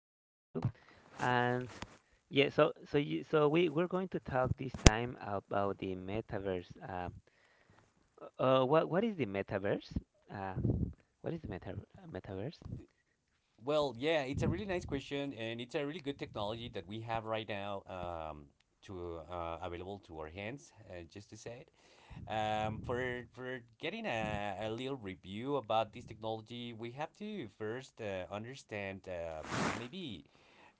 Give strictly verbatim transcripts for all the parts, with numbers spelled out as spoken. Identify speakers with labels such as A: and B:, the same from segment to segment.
A: I hope you too. And yeah, so so you so we we're going to talk this time about the metaverse. Uh, uh, what what is the metaverse? Uh, what is the meta metaverse?
B: Well, yeah, it's a really nice question, and it's a really good technology that we have right now, um, to uh, available to our hands. Uh, just to say it. Um, for for getting a, a little review about this technology, we have to first uh, understand, uh, maybe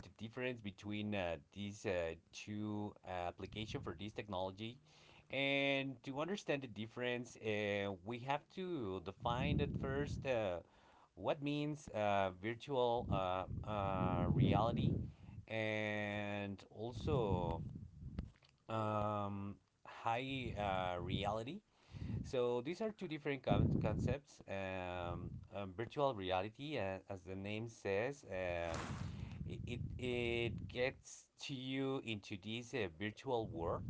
B: the difference between uh, these uh, two uh, application for this technology. And to understand the difference, uh, we have to define at first uh, what means uh, virtual uh, uh, reality, and also um, high uh, reality. So these are two different con- concepts. Um, um, virtual reality, uh, as the name says, um, it, it it gets to you into this uh, virtual world.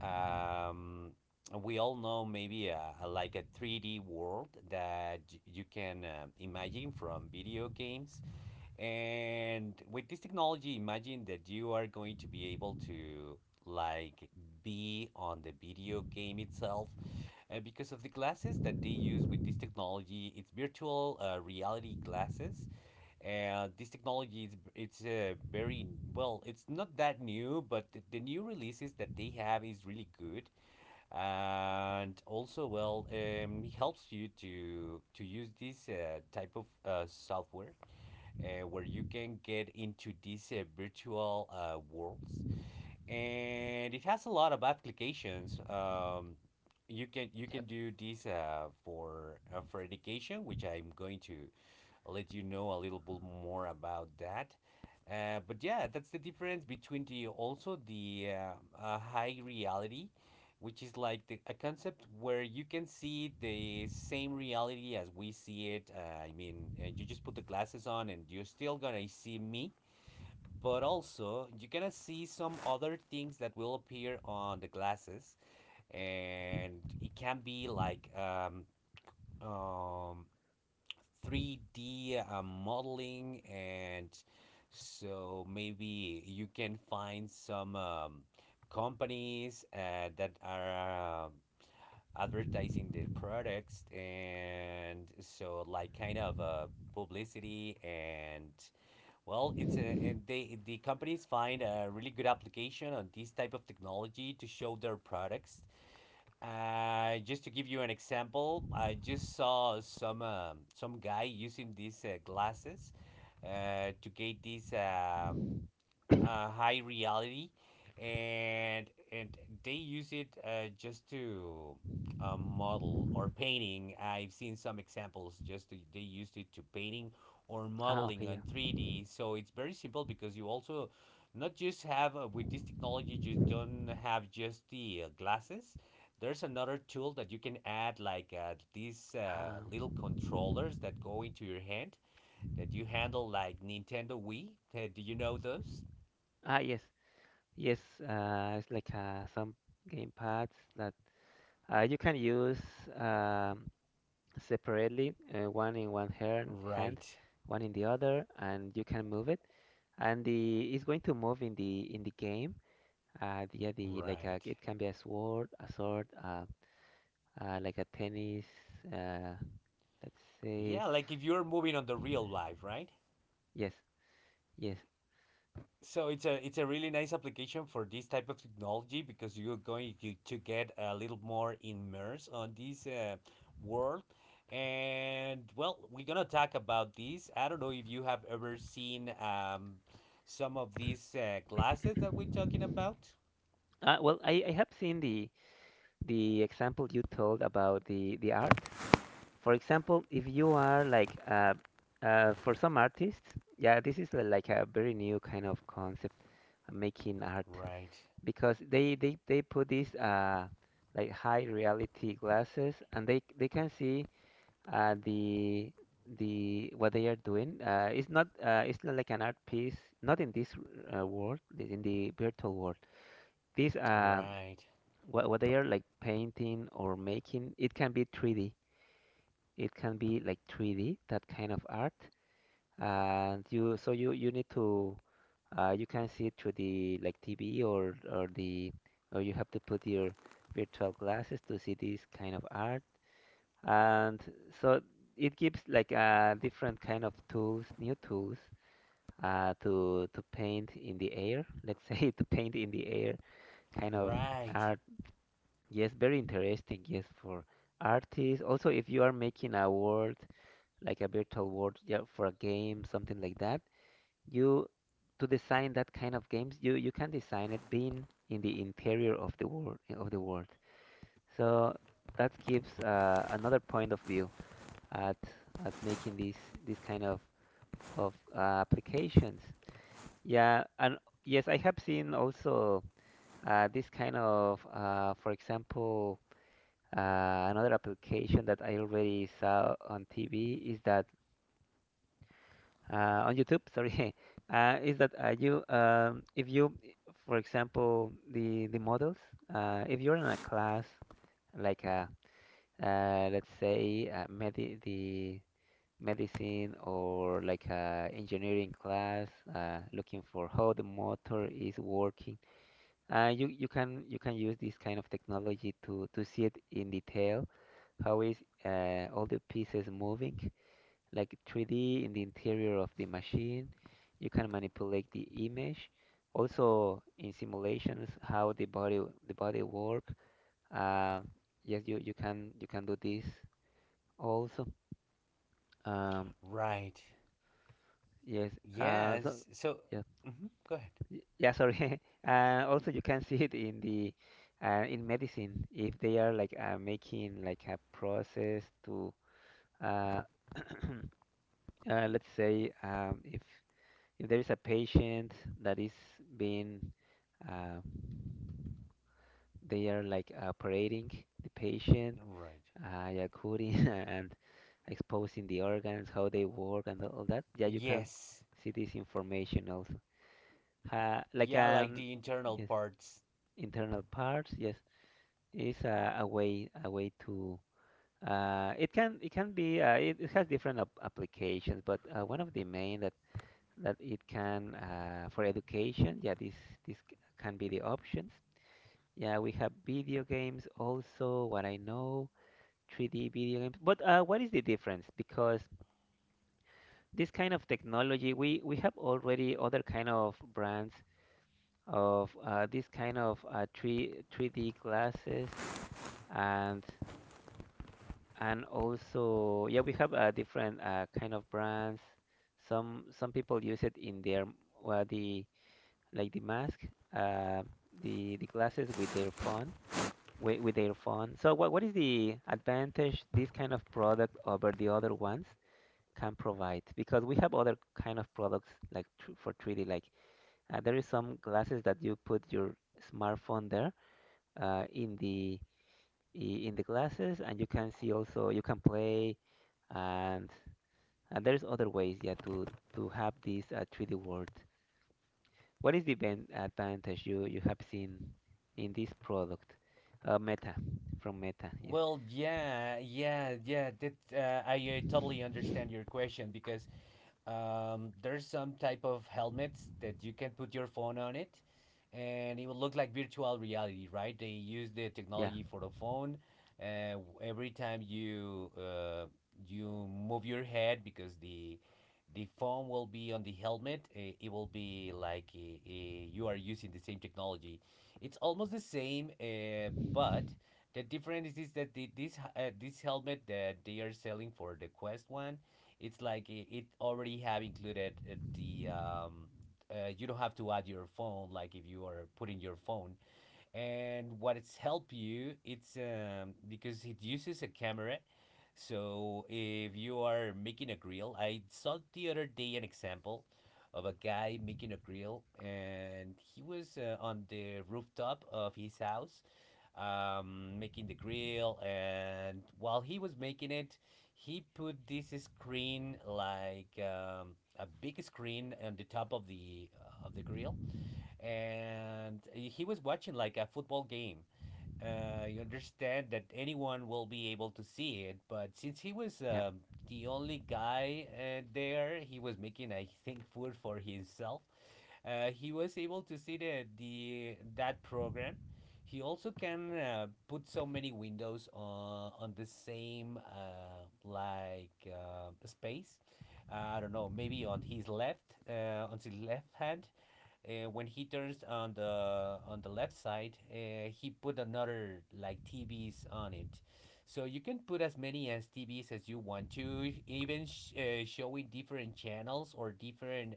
B: Um, we all know maybe a, a- like a three D world that y- you can um, imagine from video games. And with this technology, imagine that you are going to be able to, like, be on the video game itself, uh, because of the glasses that they use with this technology. It's virtual uh, reality glasses. and Uh, this technology is it's uh, very well. It's not that new, but the, the new releases that they have is really good, and also, well, um, it helps you to to use this uh, type of uh, software uh, where you can get into these uh, virtual uh, worlds, and it has a lot of applications. Um, you can you
A: Yeah.
B: can do this uh, for uh, for education, which I'm going to let you know a little bit more about that. Uh, but yeah, that's the difference between the also the uh, uh, high reality, which is like the, a concept where you can see the same reality as we see it. Uh, I mean, uh, you just put the glasses on and you're still gonna see me, but also you're gonna see some other things that will appear on the glasses, and it can be like um, um, three d uh, modeling. And so maybe you can find some um, companies uh, that are um, advertising their products, and so like kind of uh, publicity. And well, it's a, and they the companies find a really good application on this type of technology to show their products. Uh, just to give you an example, I just saw some um, some guy using these uh, glasses uh, to get this um, uh, high reality, and and they use it uh, just to uh, model or painting. I've seen some examples just to, they used it to painting or
A: Ah, okay,
B: modeling on
A: yeah.
B: three d. So it's very simple because you also not just have, uh, with this technology you don't have just the uh, glasses. There's another tool that you can add, like uh, these uh, little
A: Um,
B: controllers that go into your hand, that you handle like Nintendo Wii. Uh, do you know those?
A: ah, yes, yes. Uh, it's like uh, some game pads that uh, you can use um, separately, uh, one in one hand, hand,
B: Right.
A: one in the other, and you can move it. And the it's going to move in the in the game. Uh, yeah, the like uh,
B: Right.
A: it can be a sword, a sword, uh, uh, like a tennis. Uh, let's say
B: Yeah, like if you're moving on the real life, right?
A: yes, yes.
B: So it's a it's a really nice application for this type of technology, because you're going to, to get a little more immersed on this uh, world. And well, we're gonna talk about this. I don't know if you have ever seen um, some of these uh, glasses that we're talking about.
A: Uh, well, I, I have seen the the example you told about the the art. For example, if you are like uh, uh, for some artists, yeah, this is li- like a very new kind of concept, uh, making art.
B: Right,
A: Because they they they put these uh, like, high reality glasses, and they they can see uh the the what they are doing. Uh it's not uh it's not like an art piece, not in this uh, world, in the virtual world. These um
B: right,
A: what, what they are like painting or making, it can be three D, it can be like three D, that kind of art. And you, so you you need to uh, you can see it through the like T V, or or the or you have to put your virtual glasses to see this kind of art. And so it gives like uh, different kind of tools, new tools uh, to to paint in the air, let's say, to paint in the air, kind of
B: right,
A: art. Yes, very interesting. Yes, for artists also, if you are making a world like a virtual world, yeah, for a game, something like that, you, to design that kind of games, you you can design it being in the interior of the world of the world. So that gives uh, another point of view at at making these these kind of of uh, applications. Yeah, and yes, I have seen also uh, this kind of uh, for example, uh, another application that I already saw on TV is that, uh, on YouTube, sorry, uh, is that, uh, you, um, if you, for example, the the models, uh, if you're in a class like a, uh, let's say uh, medi the medicine or like a engineering class, uh, looking for how the motor is working, uh, you you can you can use this kind of technology to to see it in detail, how is uh, all the pieces moving, like three D in the interior of the machine. You can manipulate the image. Also in simulations, how the body the body work. Uh, yes, you, you can you can do this also. Um,
B: right.
A: yes. Uh, so
B: Yes. So,
A: yeah,
B: mhm, go ahead.
A: y- yeah. Sorry. uh, also, you can see it in the uh, in medicine, if they are like uh, making like a process to, uh, uh, let's say um, if if there is a patient that is being uh, they are like operating the patient,
B: Right.
A: uh, yeah, cutting and exposing the organs, how they work, and all that. Yeah, you can
B: Yes.
A: see this information also. Uh, like
B: Yeah, like
A: um,
B: the internal
A: yes,
B: parts.
A: internal parts. Yes, is a, a way a way to. Uh, it can it can be uh, it, it has different ap- applications, but uh, one of the main, that that it can uh, for education. Yeah, this this c- can be the options. Yeah, we have video games also. What I know, three D video games. But uh, what is the difference? Because this kind of technology, we we have already other kind of brands of uh, this kind of uh, 3 three D glasses, and and also yeah, we have uh, different uh, kind of brands. Some some people use it in their, well, the, like the mask, uh, the the glasses with their phone, with, with their phone. So what what is the advantage this kind of product over the other ones can provide? Because we have other kind of products like tr for three D, like uh, there is some glasses that you put your smartphone there uh, in the i- in the glasses, and you can see also you can play, and and there's other ways, yeah, to to have this uh, three D world. What is the ben- advantage you, you have seen in this product? Uh, Meta, from Meta, yes.
B: Well, yeah, yeah, yeah. That uh, I, I totally understand your question, because Um, there's some type of helmets that you can put your phone on it, and it will look like virtual reality, right? They use the
A: Yeah,
B: technology for the phone. Uh, every time you uh, you move your head, because the the phone will be on the helmet, it, it will be like, uh, uh, you are using the same technology. It's almost the same, uh, but the difference is that the, this uh, this helmet that they are selling for the Quest one, it's like it, it already have included uh, the um, uh, you don't have to add your phone like if you are putting your phone. And what it's help you, it's um, because it uses a camera. So if you are making a grill, I saw the other day an example of a guy making a grill, and he was uh, on the rooftop of his house, um, making the grill. And while he was making it, he put this screen, like um, a big screen, on the top of the of the grill, and he was watching like a football game. Uh, you understand that anyone will be able to see it, but since he was
A: yeah.
B: um, the only guy uh, there, he was making, I think, food for himself. Uh, he was able to see the, the that program. He also can uh, put so many windows on on the same, uh, like uh, space. I don't know, maybe on his left, uh, on his left hand, uh, when he turns on the on the left side, uh, he put another like T Vs on it. So you can put as many as T Vs as you want to, even sh- uh, showing different channels or different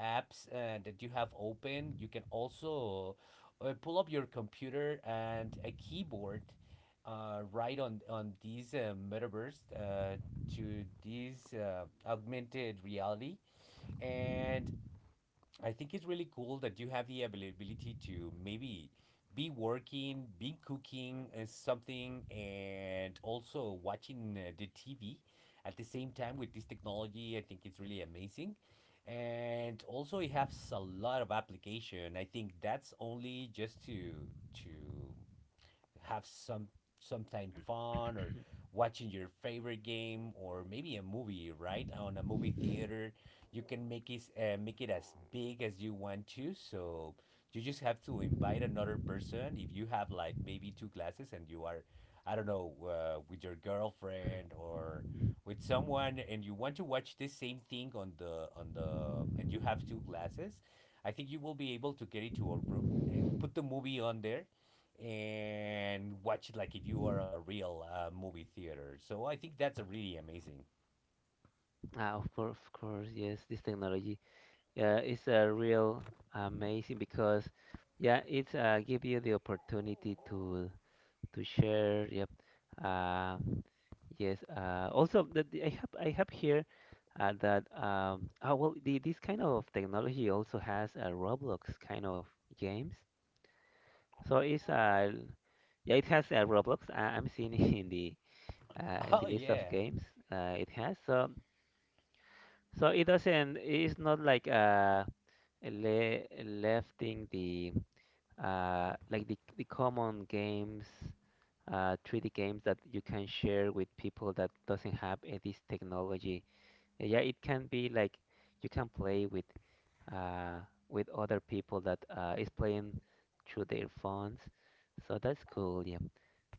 B: apps uh, that you have open. You can also uh, pull up your computer and a keyboard uh, right on on these uh, metaverse, uh, to this uh, augmented reality. And I think it's really cool that you have the availability to maybe be working, be cooking uh, something, and also watching uh, the T V at the same time with this technology. I think it's really amazing. And also, it has a lot of application. I think that's only just to to have some sometime fun, or watching your favorite game, or maybe a movie right on a movie theater. You can make it, uh, make it as big as you want to. So you just have to invite another person. If you have like maybe two glasses, and you are, I don't know, uh, with your girlfriend or with someone, and you want to watch this same thing on the on the and you have two glasses, I think you will be able to get into a room and put the movie on there and watch it like if you are on a real uh, movie theater. So I think that's a really amazing.
A: Uh, of course, of course, yes. This technology uh, is a real amazing because, yeah, it's uh, give you the opportunity to to share. Yep. Uh, yes. Uh, also, the, the- I have I have here uh, that um, oh, well, the, this kind of technology also has a Roblox kind of games. So it's uh, yeah, it has uh, Roblox. I- I'm seeing it in the uh, in
B: Oh,
A: the list of
B: yeah.
A: games uh, it has. So, so it doesn't. It's not like uh le lefting the uh like the the common games, uh, three D games, that you can share with people that doesn't have uh, this technology. Yeah, it can be like you can play with uh with other people that uh, is playing through their phones. So that's cool. Yeah.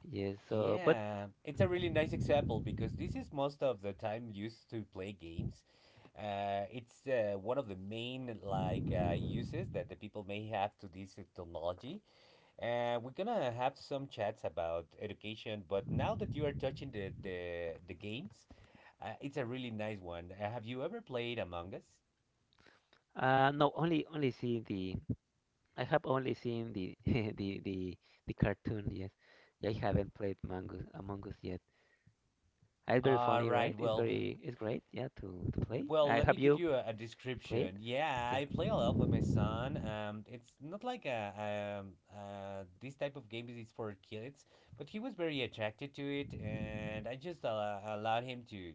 A: Yes, so but
B: Yeah, it's a really nice example because this is most of the time used to play games. Uh, it's uh, one of the main, like, uh, uses that the people may have to this technology. Uh, we're gonna have some chats about education, but now that you are touching the the, the games, uh, it's a really nice one. Uh, have you ever played Among Us?
A: uh no, only only seen the, I have only seen the the the the cartoon, yes. Yeah, I haven't played Mongoose, Among Us yet. Uh, It's very
B: All
A: funny,
B: right,
A: right? It's
B: well,
A: very, it's great, yeah, to to play.
B: Well,
A: Uh,
B: let me
A: have
B: give
A: you
B: you a, a
A: played?
B: description. Yeah,
A: Yeah.
B: I play a lot with my son. Um, it's not like a um uh this type of game is for kids, but he was very attracted to it, and I just uh, allowed him to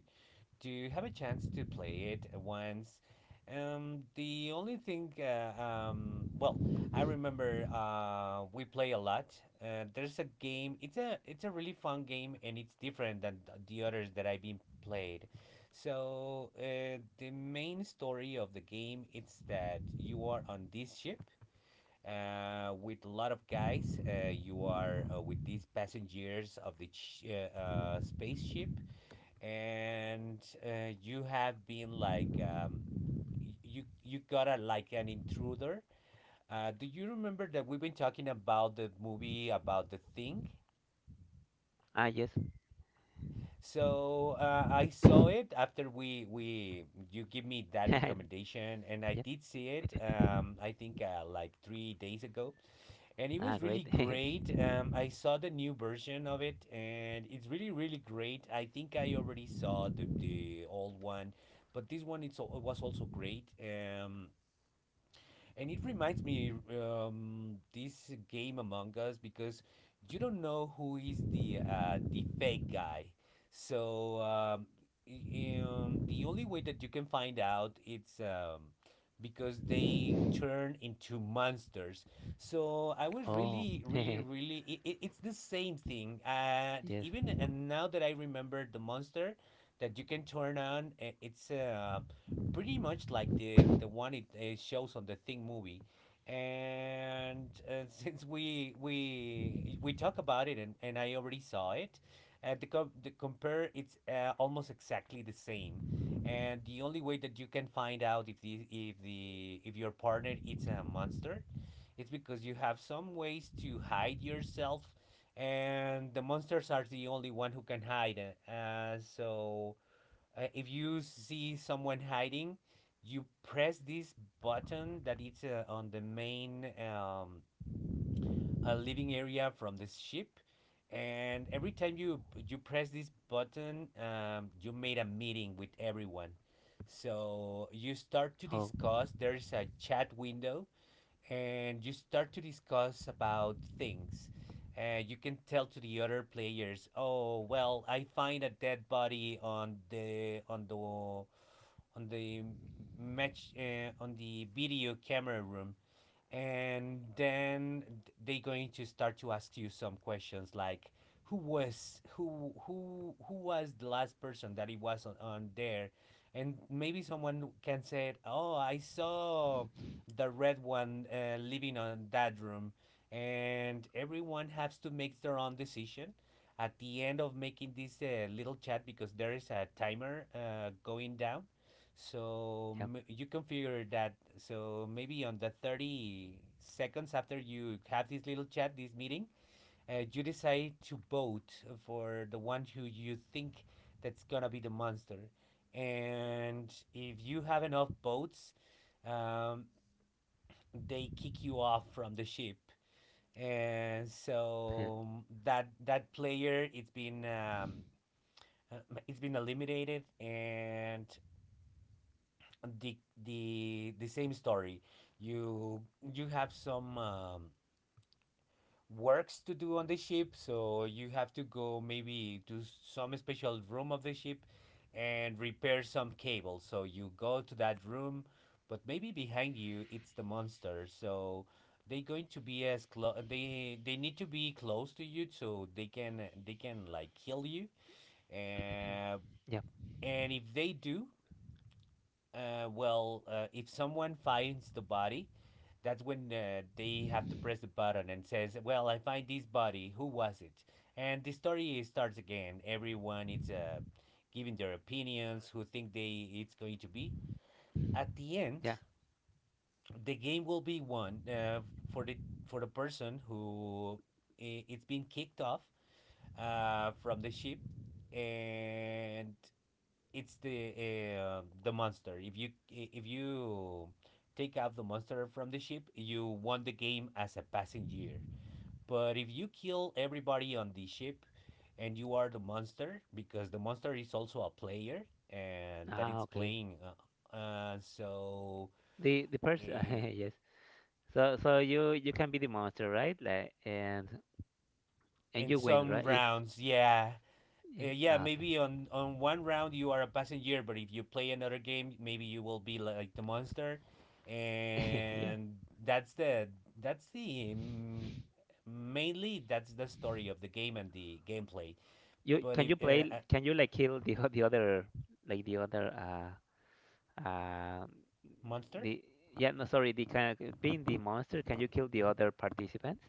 B: to have a chance to play it once. Um, the only thing, uh, um, well, I remember uh, we play a lot. Uh, there's a game. It's a it's a really fun game, and it's different than th- the others that I've been played. So uh, the main story of the game is that you are on this ship, uh, with a lot of guys. Uh, you are uh, with these passengers of the ch- uh, uh, spaceship, and uh, you have been like, um, you you got a like an intruder. Uh, do you remember that we've been talking about the movie about The Thing?
A: Ah, yes.
B: So uh, I saw it after we we you give me that recommendation, and I
A: Yeah.
B: did see it. Um, I think, uh, like three days ago, and it
A: Ah,
B: was
A: great.
B: really great. Um, I saw the new version of it, and it's really, really great. I think I already saw the the old one, but this one it's al- was also great. Um, and it reminds me, um, this game Among Us, because you don't know who is the uh, the fake guy. So um, y- um, the only way that you can find out it's um, because they turn into monsters. So I was
A: Oh,
B: really, really, really. It, it, it's the same thing. And
A: yes.
B: even and now that I remember the monster that you can turn on, i- it's uh, pretty much like the the one it, it shows on The Thing movie. And uh, since we we we talk about it, and, and I already saw it, uh, the, com- the compare it's uh, almost exactly the same. And the only way that you can find out if the if the if your partner is a monster, it's because you have some ways to hide yourself, and the monsters are the only one who can hide. Uh, so uh, if you see someone hiding, you press this button that it's uh, on the main um, uh, living area from the ship. And every time you you press this button, um, you made a meeting with everyone. So you start to
A: Oh,
B: discuss.
A: mm,
B: There's a chat window, and you start to discuss about things. And you can tell to the other players, "Oh, well, I find a dead body on the on the on the match, uh, on the video camera room. And then they're going to start to ask you some questions like who was who who who was the last person that it was on, on there. And maybe someone can say, oh, I saw the red one uh, living on that room. And everyone has to make their own decision at the end of making this uh, little chat, because there is a timer uh, going down. So
A: yep.
B: m- you configure that. So maybe on the thirty seconds after you have this little chat, this meeting, uh, you decide to vote for the one who you think that's gonna be the monster. And if you have enough votes, um, they kick you off from the ship. And so, um, that that player, it's been um, uh, it's been eliminated, and the the the same story. You you have some um, works to do on the ship, so you have to go maybe to some special room of the ship and repair some cable. So you go to that room, but maybe behind you it's the monster. So they going to be as close. They they need to be close to you so they can they can like kill you. Uh,
A: Yep.
B: and if they do, Uh, well, uh, if someone finds the body, that's when uh, they have to press the button and says, "Well, I find this body. Who was it?" And the story starts again. Everyone is uh, giving their opinions, who think they it's going to be. At the end,
A: Yeah.
B: the game will be won uh, for the for the person who it's been kicked off uh, from the ship, and it's the uh, the monster. If you if you take out the monster from the ship, you won the game as a passenger. But if you kill everybody on the ship and you are the monster, because the monster is also a player and that
A: Ah,
B: it's
A: okay.
B: playing, uh, uh so
A: The the person,
B: uh,
A: yes. So so you you can be the monster, right? Like, and and
B: in
A: you win,
B: some
A: right? If
B: rounds, yeah.
A: yeah,
B: Uh, yeah,
A: ah,
B: maybe on on one round you are a passenger, but if you play another game, maybe you will be like the monster,
A: okay, yeah.
B: and that's the that's the um, mainly that's the story of the game and the gameplay.
A: You
B: But
A: can you
B: if uh,
A: play?
B: uh,
A: Can you like kill the o- the other, like the other uh uh
B: monster,
A: the yeah, no, sorry, the kind of, being the monster? Can you kill the other participants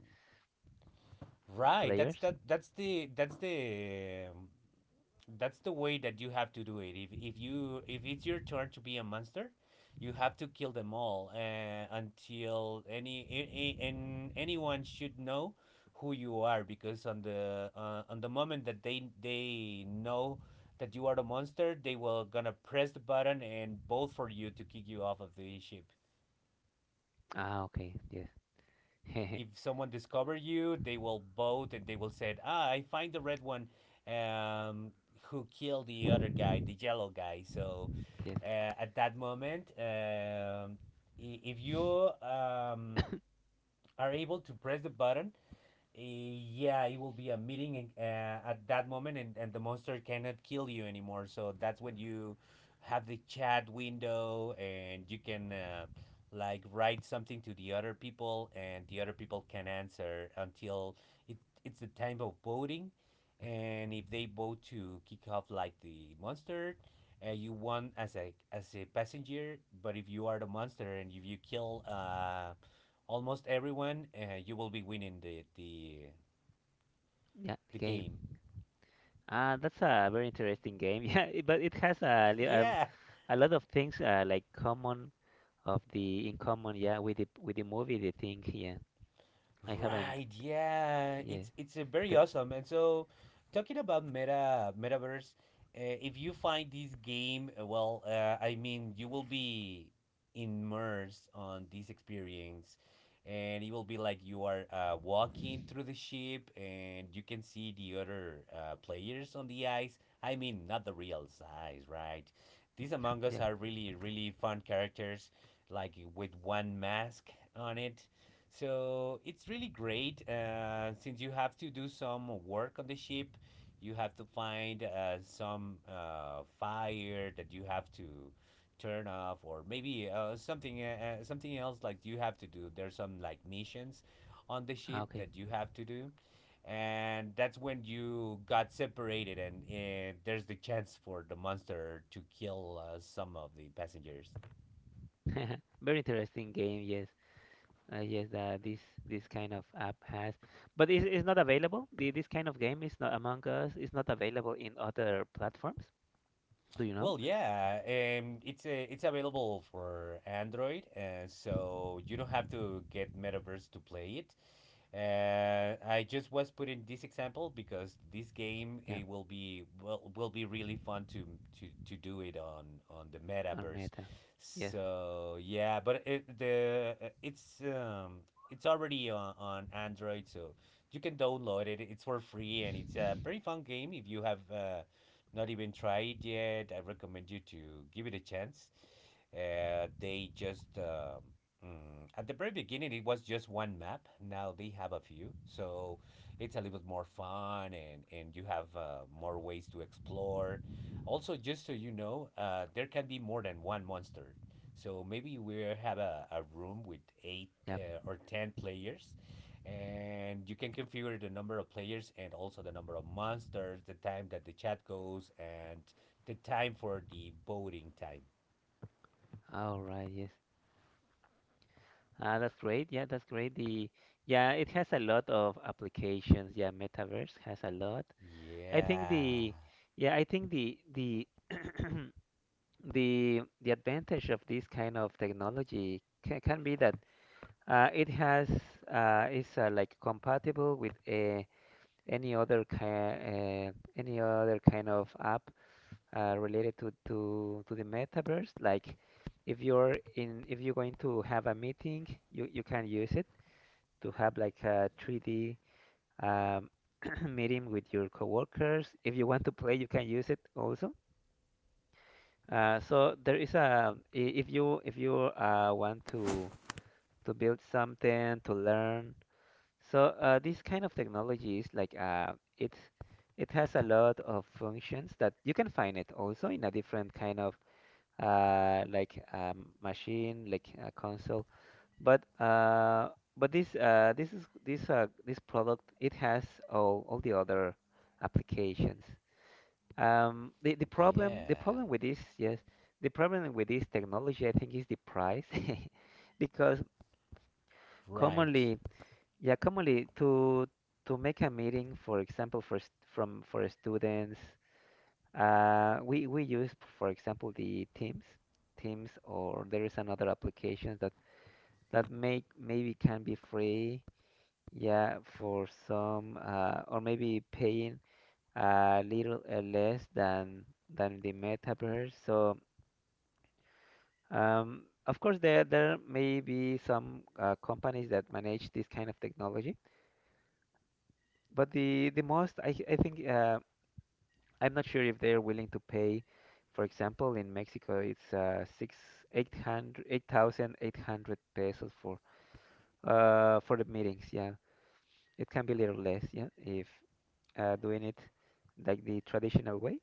B: right? That's
A: players?
B: that that's the that's the um, that's the way that you have to do it. If if you if it's your turn to be a monster, you have to kill them all, uh, until any a- a- and anyone should know who you are, because on the uh, on the moment that they they know that you are the monster, they will gonna press the button and vote for you to kick you off of the ship.
A: Ah, okay, yes,
B: If someone discover you, they will vote and they will say, "Ah, I find the red one um, who killed the other guy, the yellow guy." So,
A: yes,
B: uh, at that moment, um, if you um, are able to press the button, yeah, it will be a meeting in, uh, at that moment, and, and the monster cannot kill you anymore. So that's when you have the chat window, and you can uh, like write something to the other people, and the other people can answer until it, it's the time of voting. And if they vote to kick off like the monster, uh, you won as a as a passenger. But if you are the monster and if you kill uh, almost everyone, uh, you will be winning the the
A: yeah. The
B: the
A: game.
B: game.
A: Ah, that's a very interesting game. Yeah, it- but it has a li- um,
B: Yeah.
A: a lot of things uh, like common of the in common, yeah, with the with the movie, the Thing, yeah. I haven't
B: Right, yeah,
A: yeah
B: it's it's a very
A: that
B: awesome. And so, talking about meta metaverse, uh, if you find this game, uh, well, uh, I mean, you will be immersed on this experience, and it will be like you are uh, walking through the ship, and you can see the other uh, players on the ice. I mean, not the real size, right? These
A: yeah
B: Among Us
A: yeah.
B: are really really fun characters, like with one mask on it, so it's really great, uh, since you have to do some work on the ship. You have to find uh, some uh, fire that you have to turn off, or maybe uh, something uh, uh, something else like you have to do. There's some like missions on the
A: Ah,
B: ship
A: okay.
B: that you have to do, and that's when you got separated, and uh, there's the chance for the monster to kill uh, some of the passengers.
A: Very interesting game, yes. Uh, yes, that this this kind of app has, but it's, it's not available. The, this kind of game is not Among Us. It's not available in other platforms. Do you know?
B: Well, yeah, um, it's a, it's available for Android, uh, so you don't have to get Metaverse to play it. Uh, I just was putting this example because this game
A: Yeah,
B: it will be will, will be really fun to, to to do it on on the
A: on
B: metaverse.
A: Meta. Yes.
B: So yeah, but it, the uh, it's um it's already on, on Android, so you can download it. It's for free and it's a very fun game. If you have uh, not even tried yet, I recommend you to give it a chance. Uh, they just um Mm. At the very beginning, it was just one map. Now they have a few, so it's a little bit more fun, and and you have uh, more ways to explore. Also, just so you know, uh, there can be more than one monster. So maybe we have a, a room with eight
A: Yep.
B: uh, or ten players, and you can configure the number of players and also the number of monsters, the time that the chat goes, and the time for the voting time.
A: All right. Yes. Ah, that's great. Yeah, that's great. The yeah, it has a lot of applications. Yeah, Metaverse has a lot. I think
B: Yeah,
A: the yeah, I think the the the the advantage of this kind of technology can, can be that, Uh, it has uh, is uh, like compatible with uh, any other kind uh, any other kind of app uh, related to, to to the metaverse. Like, if you're in, if you're going to have a meeting, you, you can use it to have like a three D um, meeting with your coworkers. If you want to play, you can use it also. Uh, so there is a i- if you if you uh, want to to build something, to learn. So uh, this kind of technology is like uh, it it has a lot of functions that you can find it also in a different kind of uh, like um, machine, like a console. But uh, but this uh, this is this uh, this product, it has all all the other applications. Um, the the problem the
B: yeah.
A: problem with this, yes, the problem with this technology, I think, is the price, because
B: Right,
A: commonly, yeah, commonly, to to make a meeting, for example, for st- from for students, uh, we we use, for example, the Teams, Teams, or there is another applications that that make, maybe can be free, yeah, for some, uh, or maybe paying a little uh, less than than the Metaverse. So, um, of course, there there may be some uh, companies that manage this kind of technology. But the the most, I I think uh, I'm not sure if they're willing to pay. For example, in Mexico, it's uh, six eight hundred eight thousand eight hundred pesos for uh, for the meetings. Yeah, it can be a little less. Yeah, if uh, doing it like the traditional way.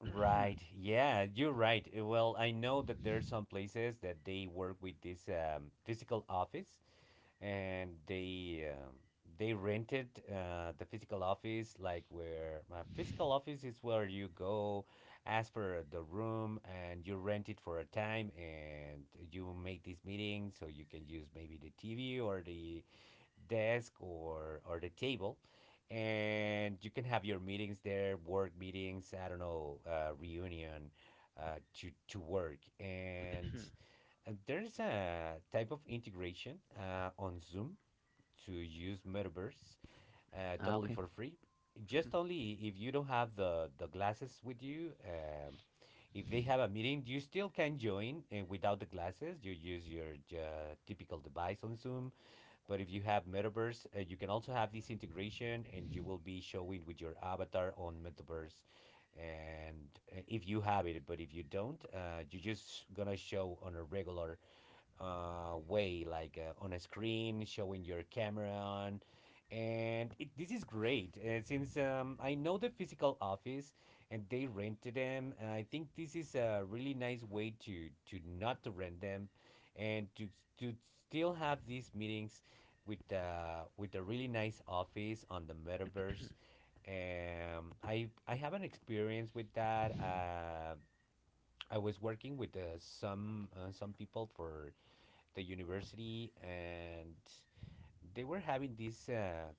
B: right. Yeah, you're right. Uh, Well, I know that there are some places that they work with this um, physical office, and they um, they rented uh, the physical office, like where my physical office is, where you go, ask for the room, and you rent it for a time, and you make this meeting, so you can use maybe the T V or the desk, or or the table, and you can have your meetings there, work meetings, I don't know, uh, reunion, uh, to to work. And uh, there's a type of integration uh, on Zoom to use metaverse, uh,
A: Ah,
B: totally
A: okay.
B: for free,
A: Mhm.
B: just only if you don't have the the glasses with you. Um, if they have a meeting, you still can join uh, without the glasses. You use your uh, typical device on Zoom. But if you have metaverse, uh, you can also have this integration, and you will be showing with your avatar on metaverse. And uh, if you have it, but if you don't, uh, you're just gonna show on a regular uh, way, like uh, on a screen, showing your camera on. And it, this is great, uh, since um, I know the physical office and they rented them. I think this is a really nice way to, to not to rent them and to, to still have these meetings with, uh, with a really nice office on the metaverse. Um, I I have an experience with that. Uh, I was working with uh, some uh, some people for the university, and they were having this uh,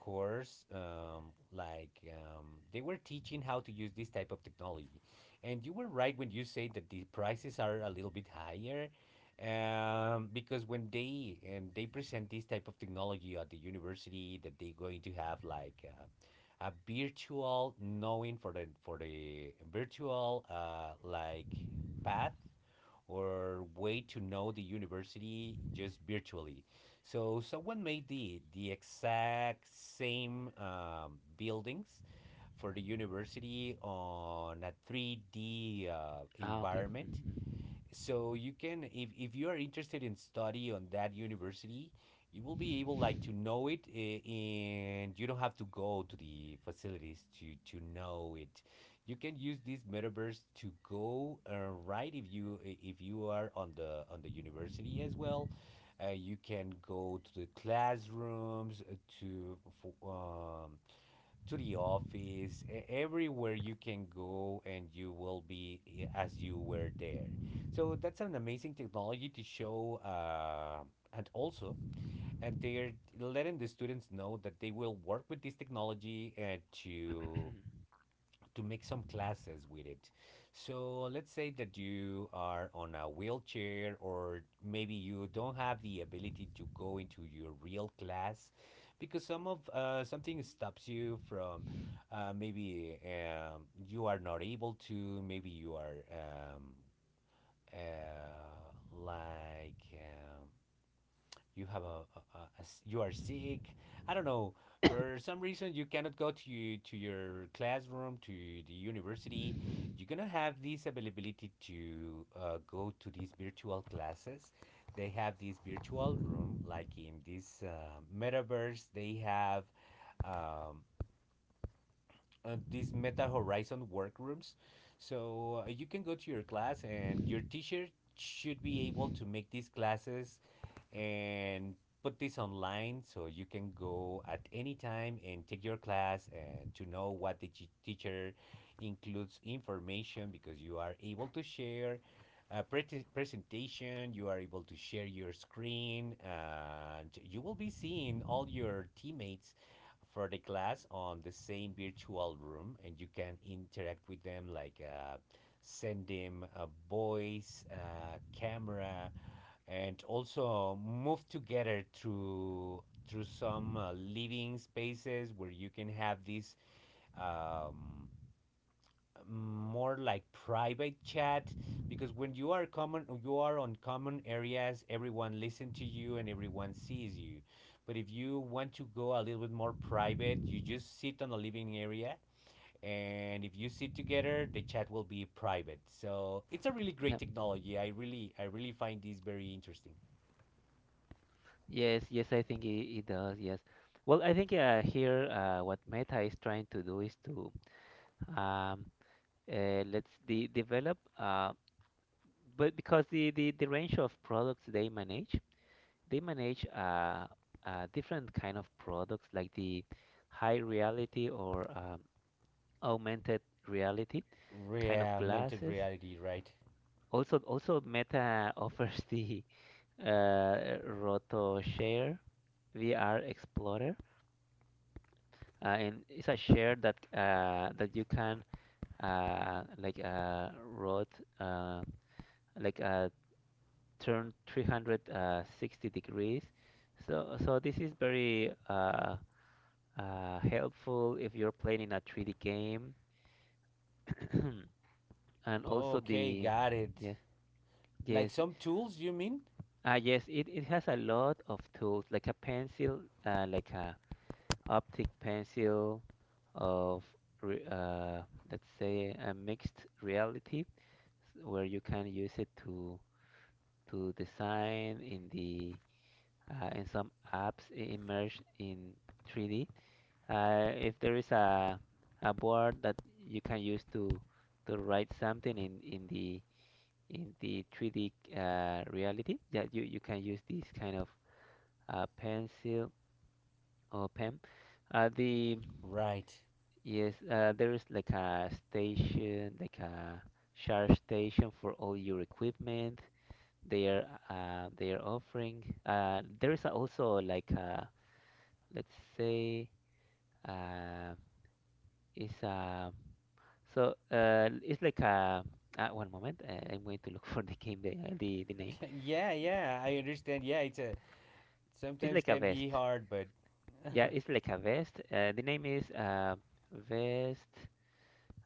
B: course um, like um, they were teaching how to use this type of technology. And you were right when you say that the prices are a little bit higher, um, because when they and they present this type of technology at the university, that they're going to have like uh, a virtual knowing for the for the virtual uh, like path or way to know the university just virtually. So someone made the the exact same um, buildings for the university on a three D uh,
A: Ah, okay.
B: environment,
A: Mhm.
B: so you can, if, if you are interested in study on that university, you will be able like to know it, eh, and you don't have to go to the facilities to to know it. You can use this metaverse to go, uh, right if you i- if you are on the on the university as well, uh, you can go to the classrooms, uh, to for, um, to the office, e- everywhere you can go, and you will be i- as you were there. So that's an amazing technology to show, uh, and also, and they're letting the students know that they will work with this technology and to to make some classes with it. So let's say that you are on a wheelchair, or maybe you don't have the ability to go into your real class because some of uh, something stops you from uh, maybe um, you are not able to, maybe you are um, uh, like um, you have a, a, a- a s- you are sick. I don't know, for some reason you cannot go to you, to your classroom, to the university. You're gonna have this availability to uh, go to these virtual classes. They have this virtual room, like in this uh, metaverse they have um, uh, these Meta Horizon Workrooms. So uh, you can go to your class, and your teacher should be able to make these classes and put this online, so you can go at any time and take your class and to know what the g- teacher includes information, because you are able to share a pre- presentation, you are able to share your screen, and you will be seeing all your teammates for the class on the same virtual room. And you can interact with them, like uh, send them a voice, uh, camera, and also move together through through some uh, living spaces where you can have this um, more like private chat. Because when you are common, you are on common areas, everyone listen to you and everyone sees you. But if you want to go a little bit more private, you just sit on a living area, and if you sit together the chat will be private. So it's a really great
A: Yep.
B: technology. I really i really find this very interesting.
A: Yes, yes, I think it, it does. Yes. Well, I think uh, here uh, what Meta is trying to do is to um, uh, let's de develop. Um but because the, the, the range of products they manage, they manage uh, uh, different kind of products like the high reality or um, augmented reality kind
B: Rea-
A: of
B: augmented
A: glasses.
B: reality, right?
A: Also, also Meta offers the uh, RotoShare V R Explorer, uh, and it's a share that uh, that you can uh, like uh, rot uh, like uh, turn three hundred sixty degrees. So, so this is very uh, uh, helpful if you're playing in a three D game. And also
B: Okay,
A: the,
B: got it.
A: yes,
B: Like
A: yes,
B: some tools, you mean?
A: ah, yes, it, it has a lot of tools, like a pencil, uh, like a optic pencil of, re uh, let's say, a mixed reality, where you can use it to to design in the Uh, in some apps i- immerse in three D. Uh, if there is a a board that you can use to to write something in in the in the three D uh, reality, that you you can use this kind of uh, pencil or pen. Uh, the
B: Right.
A: Yes, uh, there is like a station, like a charge station for all your equipment. They are uh, they are offering. Uh, there is also, like a, let's say. Uh, it's uh, so uh, it's like a uh, One moment. Uh, I'm going to look for the game the, uh, the the name.
B: Yeah, yeah, I understand. Yeah, it's a
A: It's
B: sometimes
A: like a
B: can be
A: vest.
B: hard, but
A: Yeah, it's like a vest. Uh, the name is uh, vest,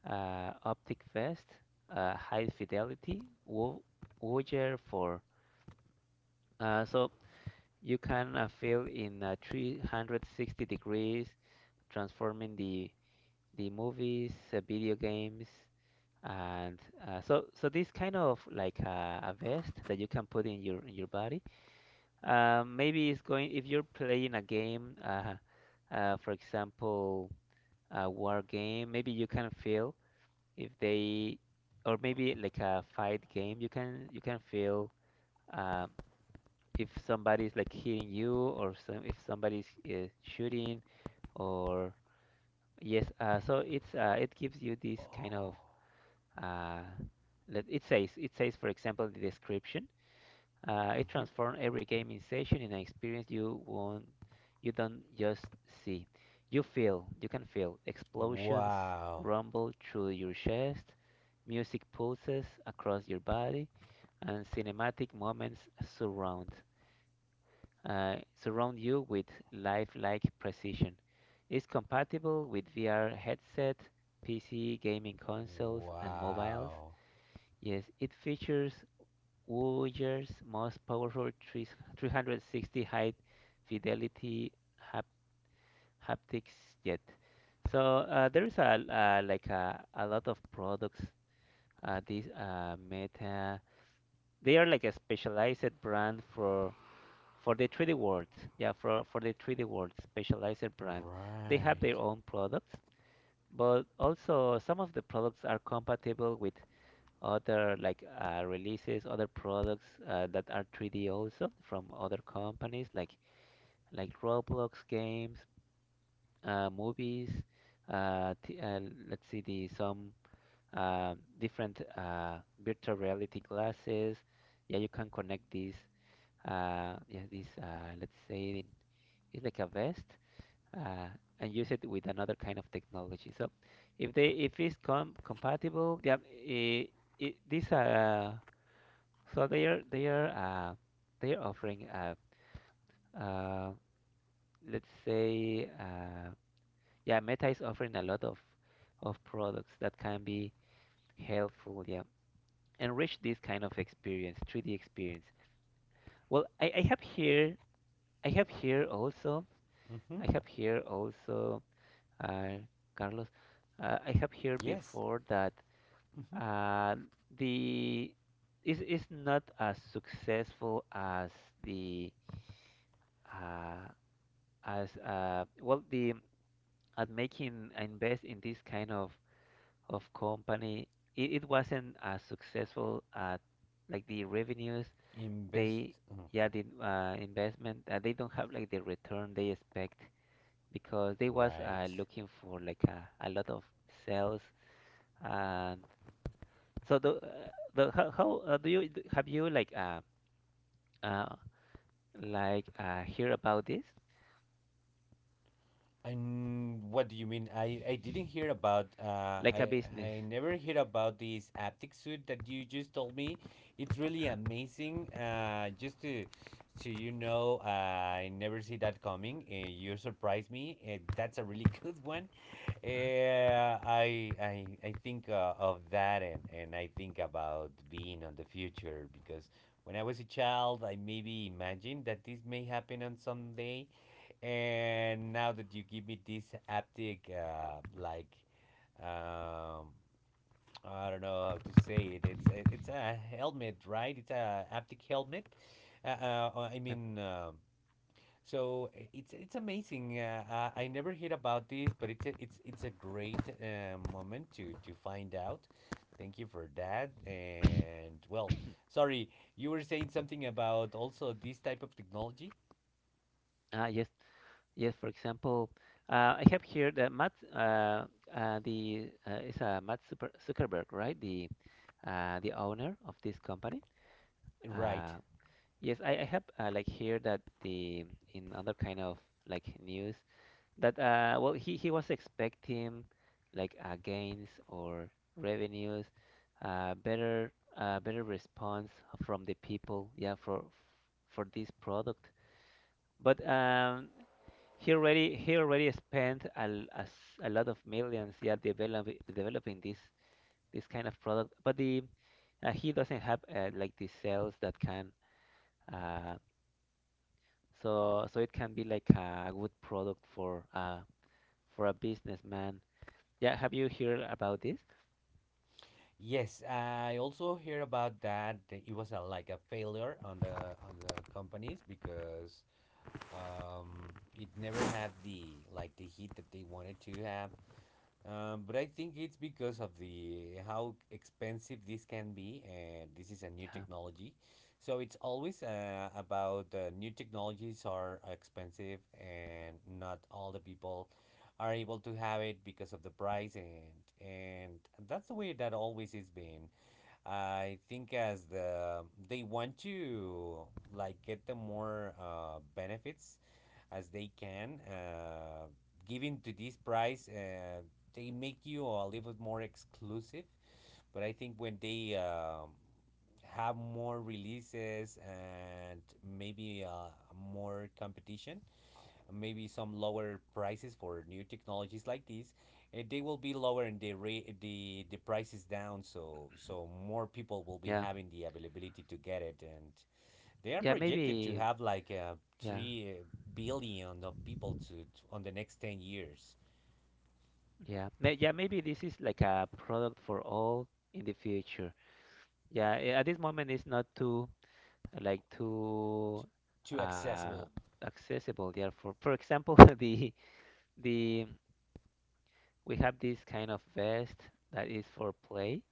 A: uh, optic vest, uh, high fidelity wo- Woger for. Uh, so you can uh, fill in uh, three hundred sixty degrees, transforming the the movies, uh, video games. And uh, so so this kind of, like, a, a vest that you can put in your in your body. Uh, maybe it's going, if you're playing a game, uh, uh, for example a war game, maybe you can feel if they. Or maybe like a fight game, you can you can feel, uh, if somebody's like hitting you, or some if somebody's uh, shooting. Or yes, uh, so it's uh, it gives you this kind of,
B: oh.
A: uh, let, it says it says for example, the description, uh, it
B: Hmm.
A: transforms every gaming session in an experience you won't you don't just see. You feel you can feel explosions
B: Wow.
A: rumble through your chest, music pulses across your body, and cinematic moments surround, uh, surround you with lifelike precision. It's compatible with V R headset, P C gaming consoles, and mobiles.
B: Wow.
A: Yes, it features Woyer's most powerful 3 360 high fidelity hap haptics yet. So, uh, there is a, uh, like a, a lot of products. Uh, these uh, Meta, they are like a specialized brand for for the three D world. Yeah, for for the three D world, specialized brand. They have their
B: Right.
A: own products, but also some of the products are compatible with other, like, uh, releases, other products, uh, that are three D also, from other companies like like Roblox games, uh, movies, uh, t uh, let's see the some, uh, different, uh, virtual reality glasses. Yeah, you can connect these, uh, yeah these uh, let's say, it's like a vest, uh, and use it with another kind of technology. So if they if it's com compatible, yeah, it, it, these are so they are they are uh, they are offering, uh, uh, let's say, uh, yeah Meta is offering a lot of of products that can be helpful, yeah, enrich this kind of experience, three D experience. Well, I, I have here. I have here also.
B: Mhm.
A: I have here also, uh, Carlos. uh, I have here
B: Yes.
A: before that,
B: Mhm.
A: uh, the is is not as successful as the uh, as uh, well the at making, uh, invest in this kind of of company. It, it wasn't as successful at, like, the revenues. They
B: Invest.
A: yeah
B: Okay.
A: the uh, Investment, uh, they don't have like the return they expect, because they was uh,
B: Right.
A: looking for, like, a, a lot of sales. And so the uh, the how, how, uh, do you have you, like uh, uh like uh hear about this,
B: And what do you mean? I, I didn't hear about uh
A: like a
B: I
A: business?
B: I never heard about this haptic suit that you just told me. It's
A: uh,
B: really amazing. Uh, just to to you know, uh, I never see that coming. Uh, you surprised me. Uh, that's a really good one.
A: uh,
B: Uh, I I I think uh, of that, and and I think about being on the future. Because when I was a child, I maybe imagined that this may happen on some day, and now that you give me this haptic, uh, like, um, I don't know how to say it. It's it- it's a helmet, right? It's a haptic helmet. Uh, uh, uh, I
A: yeah.
B: mean, um, so i- it's it's amazing. Uh, I, I never heard about this, but it's a, it's it's a great uh, moment to to find out. Thank you for that. And, well, sorry, you were saying something about also this type of technology,
A: Ah, yes. Yes, for example, uh, I have here that Matt, uh, uh, the uh, is uh, Matt Super Zuckerberg, right? The uh, the owner of this company.
B: right?
A: Uh, yes, I, I have, uh, like, here that the in other kind of, like, news, that, uh, well, he he was expecting, like, uh, gains or revenues, uh, better uh, better response from the people, yeah, for for this product. But um, he already he already spent a, l- a s- a lot of millions, yeah, developing developing this this kind of product. But the uh, he doesn't have, uh, like, the sales that can, uh, so so it can be like a good product for uh, for a businessman. Yeah, have you heard about this?
B: Yes, I also hear about that. that It was a, like a failure on the on the companies because um, it never had the like the heat that they wanted to have. Um, but I think it's because of the how expensive this can be, and this is a new
A: Yeah,
B: technology, so it's always uh, about uh, new technologies are expensive, and not all the people are able to have it because of the price. and and that's the way that always has been I think as the they want to like get the more uh, benefits as they can, uh, given to this price, uh, they make you a little bit more exclusive. But I think when they um, have more releases, and maybe uh, more competition, maybe some lower prices for new technologies like these, and they will be lower, and the rate the the price is down, so so more people will be
A: yeah,
B: having the availability to get it. And they are
A: yeah.
B: projected to
A: Maybe,
B: have like uh,
A: yeah,
B: three uh, billion of people to, to on the next ten years
A: yeah. May, yeah. Maybe this is like a product for all in the future. Yeah, eh, at this moment it's not too, like, too
B: to
A: uh,
B: accessible.
A: accessible. Therefore, for, for example, the the we have this kind of vest that is for play.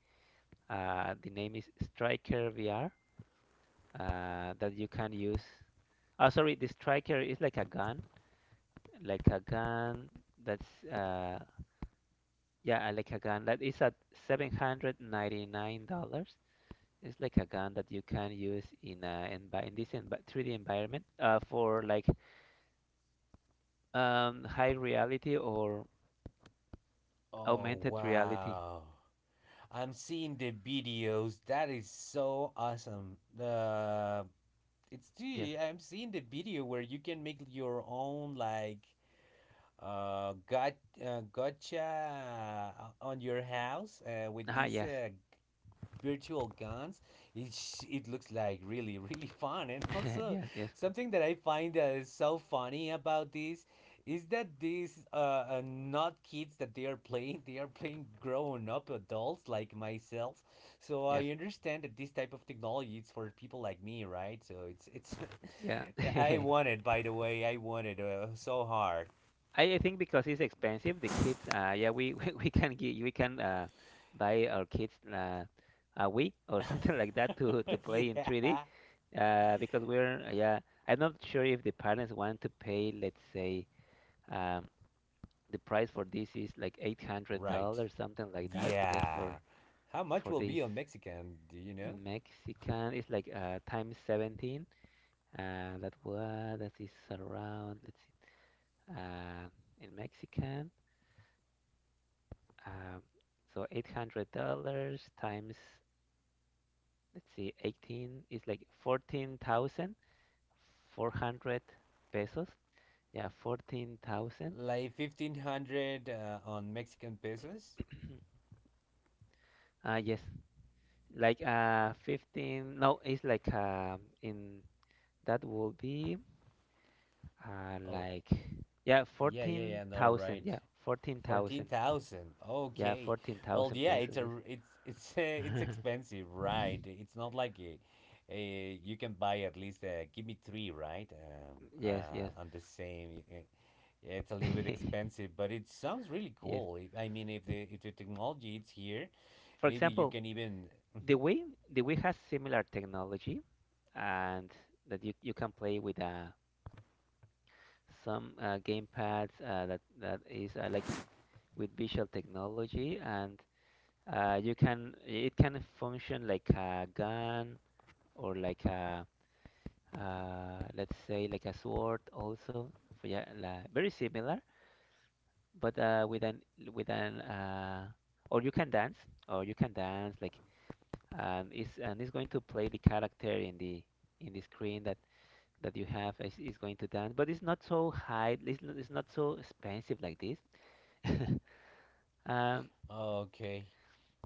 A: Uh, the name is Striker V R, uh, that you can use. Oh, sorry, the Striker is like a gun, like a gun that's, uh, yeah, uh, like a gun that is at seven hundred ninety nine dollars. It's like a gun that you can use in a envi in this envi three D environment, uh, for, like, Um, high reality or
B: Oh,
A: augmented reality.
B: wow, i'm seeing the videos that is so awesome. Uh, it's
A: Yes.
B: the i'm seeing the video where you can make your own like uh, got uh, gotcha uh, on your house uh, with
A: Ah,
B: these
A: yes.
B: uh, virtual guns. It sh- it looks like really really fun. And also
A: Yes, yes,
B: something that I find uh, so funny about this is that these uh, uh not kids that they are playing, they are playing grown up adults like myself. So I
A: yes.
B: understand that this type of technology is for people like me, right? So it's it's
A: Yeah.
B: I want it, by the way. I want it uh, so hard.
A: I, I think because it's expensive, the kids, uh, yeah, we, we, we can get, we can uh, buy our kids uh, a Wii or something like that, to, to play in three D.
B: Yeah.
A: Uh, because we're, yeah, I'm not sure if the parents want to pay, let's say, um, the price for this is like
B: Right.
A: eight hundred dollars something like that, just for
B: Yeah. How much
A: for
B: will
A: this.
B: be on Mexican? Do you know?
A: In Mexican it's, like, uh, times seventeen, uh, that was that is around. Let's see, uh, in Mexican, um, so eight hundred dollars times, let's see, eighteen is like fourteen thousand four hundred pesos, yeah fourteen thousand.
B: Like fifteen hundred uh, on Mexican pesos.
A: Uh, yes, like, uh fifteen, no, it's like, um in that will be, uh
B: Oh,
A: like, yeah
B: yeah, yeah, yeah. No,
A: fourteen thousand.
B: right.
A: yeah
B: Fourteen
A: fourteen thousand.
B: thousand.
A: Yeah,
B: Okay. Well,
A: fourteen thousand
B: yeah. It's a
A: pesos.
B: r- it's it's uh, it's
A: Yes.
B: expensive, right? It's not like a, A you can buy at least, uh, give me three, right? Um,
A: Yes, yes.
B: uh, on the same. Eh, yeah, it's a little bit expensive, but it sounds really
A: Yes.
B: cool. It, I mean, if the if the technology is here,
A: For
B: maybe you
A: example,
B: can even.
A: the
B: Mhm.
A: Wii, the Wii has similar technology, and that you, you can play with, uh, some, uh, game pads, uh, that that is, uh, like, with visual technology. And, uh, you can, it can function like a gun, or like a, uh, let's say, like a sword also. For, yeah, la, very similar. But, uh, with an with an uh, or you can dance, or you can dance like, and it's, and it's going to play the character in the in the screen, that that you have, is, is going to dance, but it's not so high. It's not, it's not so expensive like this. um,
B: Okay.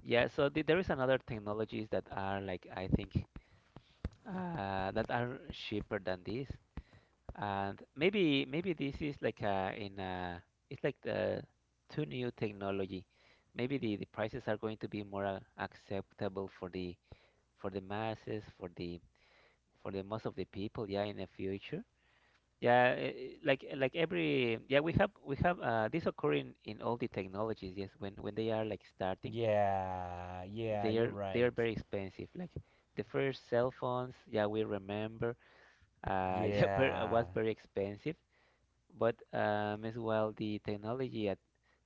A: yeah, so, the, there is another technologies that are, like, I think, uh, that are cheaper than this. And maybe, maybe this is, like, uh in uh it's like the too new technology. Maybe the, the prices are going to be more uh, acceptable for the for the masses, for the for the most of the people, yeah, in the future. Yeah, eh, eh, like like every, yeah, we have we have, uh, this occurring in all the technologies. Yes, when, when they are, like, starting,
B: Yeah. Yeah,
A: they
B: you're
A: are they are
B: right.
A: very expensive. Like the first cell phones, yeah, we remember, uh, yeah, ver- was
B: Yeah.
A: very expensive. But um, as well the technology ad-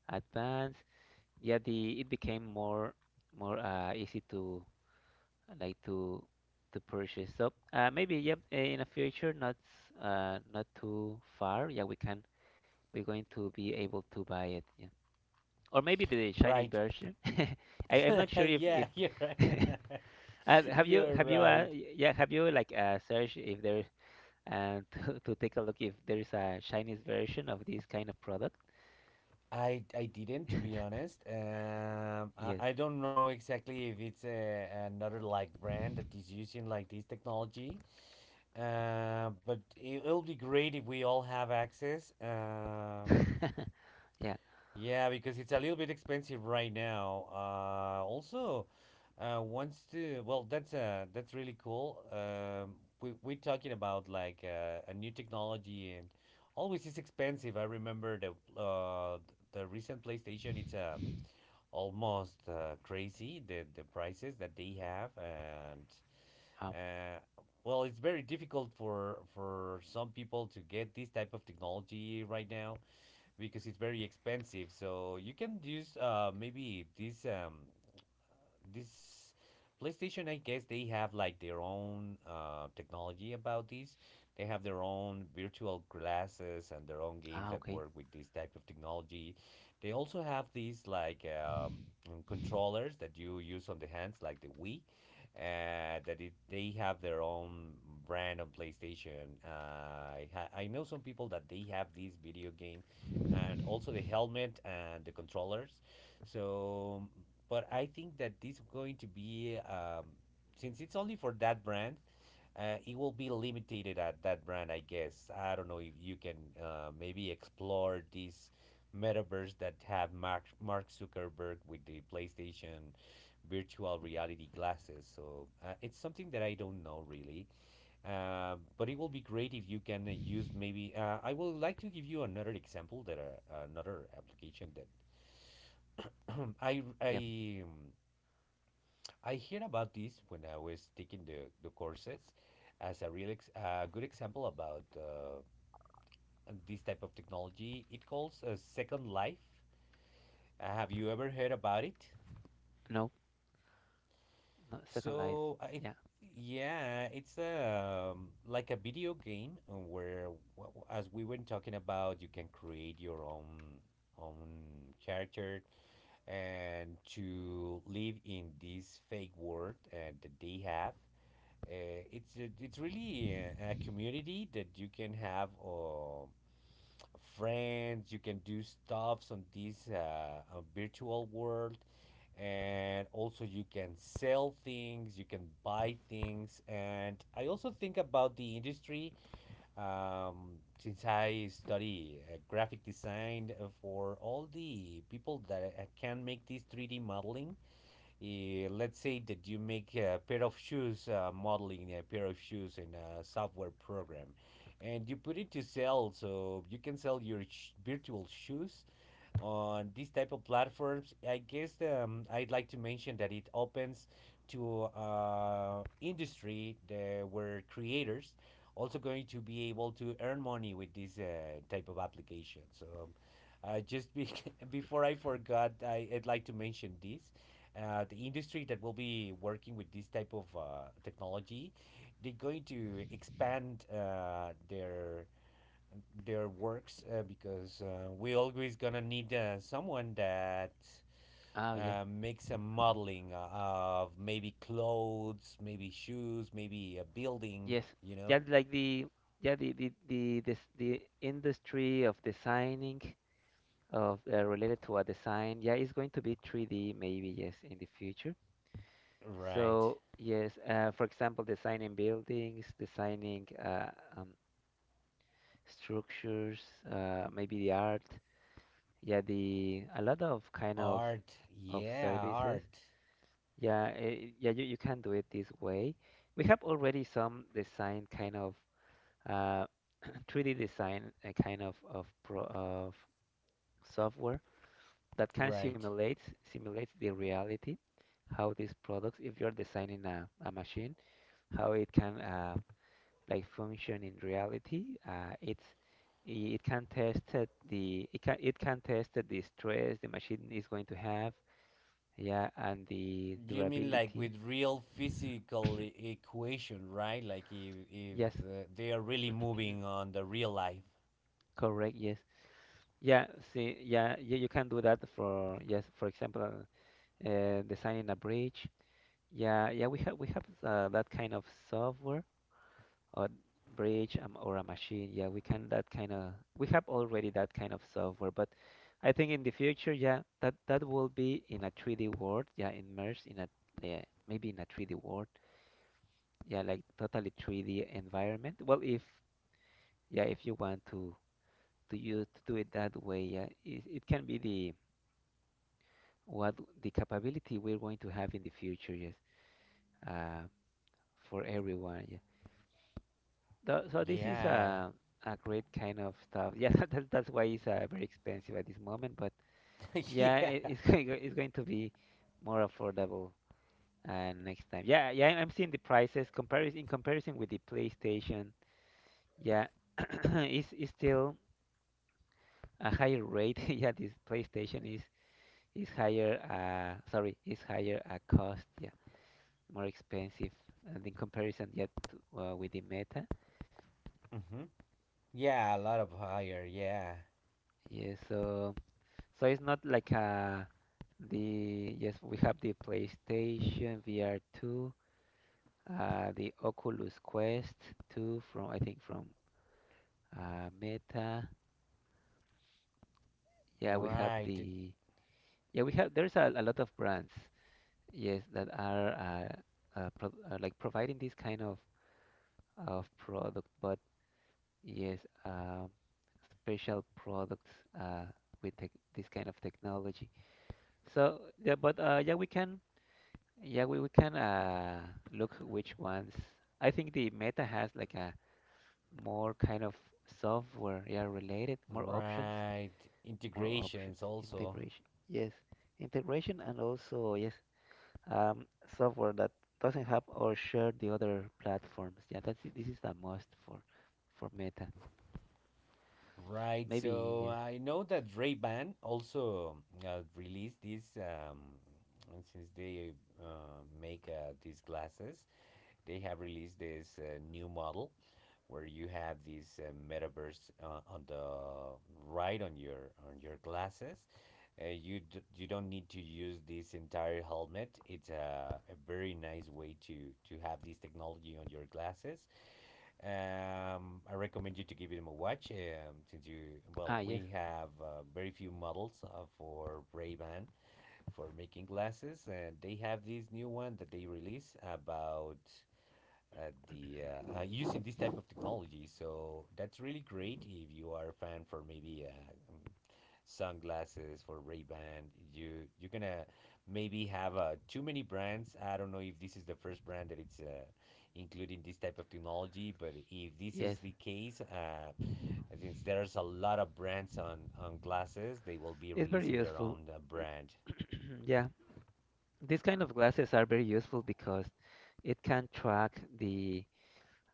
A: advanced, yeah, the, it became more, more uh, easy to, like, to to purchase. So uh, maybe, yep, eh, in the future, not s- uh, not too far, yeah, we can, we're going to be able to buy it, yeah. Or maybe the Chinese
B: Right.
A: version. I, I'm not sure if
B: Yeah,
A: if
B: you're right.
A: uh, have you,
B: You're
A: have you uh,
B: right.
A: y- yeah, have you, like, uh, searched if there, and to, to take a look if there is a Chinese version of this kind of product.
B: I I didn't, to be honest. Um, I,
A: Yes.
B: I don't know exactly if it's a, another like brand that is using like this technology. Uh, but it, it'll be great if we all have access. Uh,
A: Yeah.
B: Yeah, because it's a little bit expensive right now. Uh, also, uh, wants to well, that's uh, that's really cool. Um, we we're talking about like uh, a new technology, and always it's expensive. I remember the uh, the recent PlayStation. It's uh, almost uh, crazy the the prices that they have. And
A: Oh,
B: uh, well, it's very difficult for for some people to get this type of technology right now because it's very expensive. So you can use uh, maybe this um, this PlayStation, I guess they have like their own uh, technology about this. They have their own virtual glasses and their own games
A: ah,
B: that
A: okay.
B: work with this type of technology. They also have these like um, mm, controllers that you use on the hands, like the Wii. Uh, that it, they have their own brand on PlayStation. Uh, I ha- I know some people that they have this video game, and also the helmet and the controllers. So, but I think that this going to be um, since it's only for that brand, uh, it will be limited at that brand, I guess. I don't know if you can uh, maybe explore this metaverse that have Mark Mark Zuckerberg with the PlayStation virtual reality glasses. So uh, it's something that I don't know really. Um, but it will be great if you can uh, use maybe. Uh, I would like to give you another example, that uh, another application that I
A: Yep.
B: I I hear about this when I was taking the the courses as a real ex a good example about uh, this type of technology. It calls a Second Life. Uh, have you ever heard about it?
A: No, no, Second Life.
B: So I
A: Yeah.
B: yeah, it's a um, like a video game uh, where wh- wh- as we were talking about, you can create your own own character and to live in this fake world uh, that they have. Uh, it's a- it's really a, a community that you can have uh, friends. You can do stuffs on this uh, uh, virtual world, and also you can sell things. You can buy things, and I also think about the industry. Um, since I study uh, graphic design, uh, for all the people that uh, can make this three D modeling, eh, let's say that you make a pair of shoes, uh, modeling a pair of shoes in a software program, and you put it to sell, so you can sell your sh- virtual shoes on these type of platforms. I guess um, I'd like to mention that it opens to uh, industry the, where creators also going to be able to earn money with this uh, type of application. So um, uh, just be- before I forgot, I, I'd like to mention this. Uh, the industry that will be working with this type of uh, technology, they're going to expand uh, their their works uh, because uh, we always gonna need uh, someone that
A: Oh, yeah.
B: uh, makes a modeling uh, of maybe clothes, maybe shoes, maybe a building.
A: Yes.
B: You know,
A: Yeah, like the yeah, the the the this, the industry of designing, of, uh, related to a design. Yeah, it's going to be three D, maybe, yes, in the future.
B: right?
A: So yes, uh, for example, designing buildings, designing, uh, um, structures, uh, maybe the art. Yeah, the a lot of kind of
B: Art,
A: of
B: yeah,
A: services.
B: art,
A: Yeah, eh, yeah, you, you can do it this way. We have already some design kind of, uh, three D design, uh, kind of of pro of software that can
B: right?
A: simulate, simulates the reality, how these products, if you're designing a, a machine, how it can, uh, like, function in reality. Uh, it's i- it can test it the it can it can test the stress the machine is going to have, yeah, and the
B: You mean like
A: durability.
B: with real physical e- equation, right? Like if if
A: Yes.
B: uh, they are really moving on the real life.
A: Correct, yes. Yeah, see, yeah, you, you can do that for, yes, for example, uh, designing a bridge. Yeah, yeah, we have we have uh, that kind of software or bridge um, or a machine. Yeah, we can that kind of we have already that kind of software, but I think in the future, yeah, that that will be in a three D world. Yeah, immersed in a yeah, maybe in a three D world. Yeah, like totally three D environment. Well, if yeah, if you want to to you to do it that way, yeah, it, it can be the what the capability we're going to have in the future, yes, uh, for everyone. Yeah. Tho- So this is
B: Yeah,
A: a a great kind of stuff. Yeah, that's that's why it's uh, very expensive at this moment. But yeah,
B: yeah.
A: it, it's going it's going to be more affordable uh, next time. Yeah, yeah, I'm seeing the prices comparison in comparison with the PlayStation. Yeah, it's it's still a higher rate. Yeah, this PlayStation is is higher. Uh, sorry, is higher a cost. Yeah, more expensive uh, in comparison yet to, uh, with the Meta.
B: Hmm. Yeah, a lot of higher. Yeah.
A: Yeah, so so it's not like uh the yes we have the PlayStation V R two, uh the Oculus Quest two from I think from uh Meta. Yeah, we have
B: Right,
A: the yeah we have there's a, a lot of brands yes that are uh, uh, pro uh like providing this kind of of product, but yes, um, special products uh, with tech this kind of technology. So yeah, but uh, yeah, we can yeah we, we can uh, look which ones. I think the Meta has like a more kind of software yeah related, more options,
B: right.
A: more options
B: Integrations also.
A: integration. Yes, integration and also yes, um, software that doesn't have or share the other platforms. Yeah, that's this is a must for for Meta.
B: Right.
A: Maybe
B: So
A: yes.
B: I know that Ray-Ban also uh, released this um and since they uh, make uh, these glasses, they have released this uh, new model where you have this uh, metaverse uh, on the right on your on your glasses. Uh, you d- you don't need to use this entire helmet. It's a, a very nice way to to have this technology on your glasses. Um, I recommend you to give them a watch, um, since you, well,
A: Ah
B: we
A: yes.
B: have uh, very few models uh, for Ray-Ban for making glasses, and they have this new one that they release about uh, the uh, uh, using this type of technology. So that's really great if you are a fan for maybe uh, um, sunglasses for Ray-Ban. You you're gonna maybe have uh, too many brands. I don't know if this is the first brand that it's uh, including this type of technology, but if this is
A: Yes,
B: the case, uh, since there's a lot of brands on on glasses, they will be
A: it's very
B: releasing their
A: useful.
B: own uh, brand.
A: Yeah, these kind of glasses are very useful because it can track the,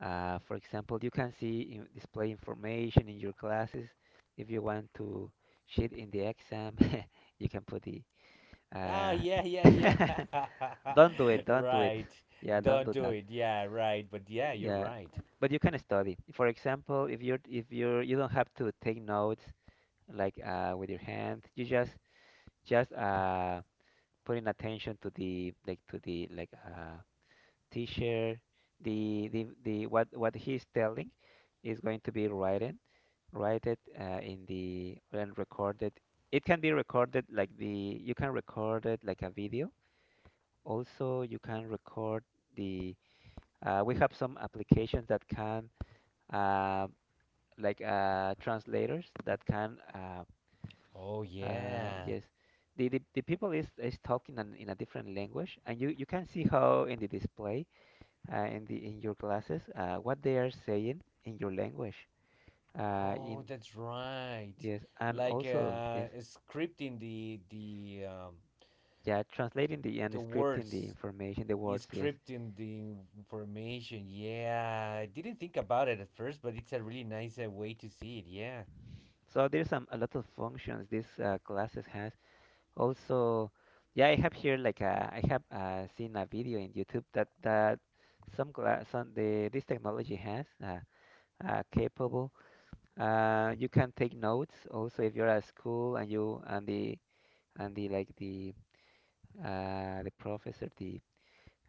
A: uh, for example, you can see in display information in your glasses. If you want to cheat in the exam, you can put the,
B: Oh
A: uh,
B: yeah, yeah, yeah.
A: don't do it, don't do it.
B: right.
A: Yeah, don't
B: Don't
A: do
B: do
A: that.
B: it. Yeah, right. But yeah, you're
A: Yeah,
B: right.
A: but you can study. For example, if you're if you're you don't have to take notes like uh, with your hand, you just just uh, putting attention to the like to the like uh teacher the the the what what he's telling is going to be written write it uh, in the and recorded it can be recorded like the you can record it like a video also you can record the uh, we have some applications that can uh, like uh, translators that can uh,
B: Oh
A: uh,
B: yeah.
A: yes, the, the the people is is talking in, in a different language, and you you can see how in the display uh, in the in your glasses uh, what they are saying in your language. Uh, in
B: Oh, that's right.
A: yes, and
B: Like
A: also yes,
B: uh, scripting the the um,
A: yeah, translating the and
B: the
A: scripting the
B: words,
A: information, the words. Yes,
B: scripting the information. Yeah, I didn't think about it at first, but it's a really nice uh, way to see it. Yeah,
A: so there's some a lot of functions this uh, classes has. Also, yeah, I have here like uh, I have uh, seen a video in YouTube that that some class some the this technology has uh, uh, capable. Uh, you can take notes also if you're at school and you and the and the like the uh, the professor the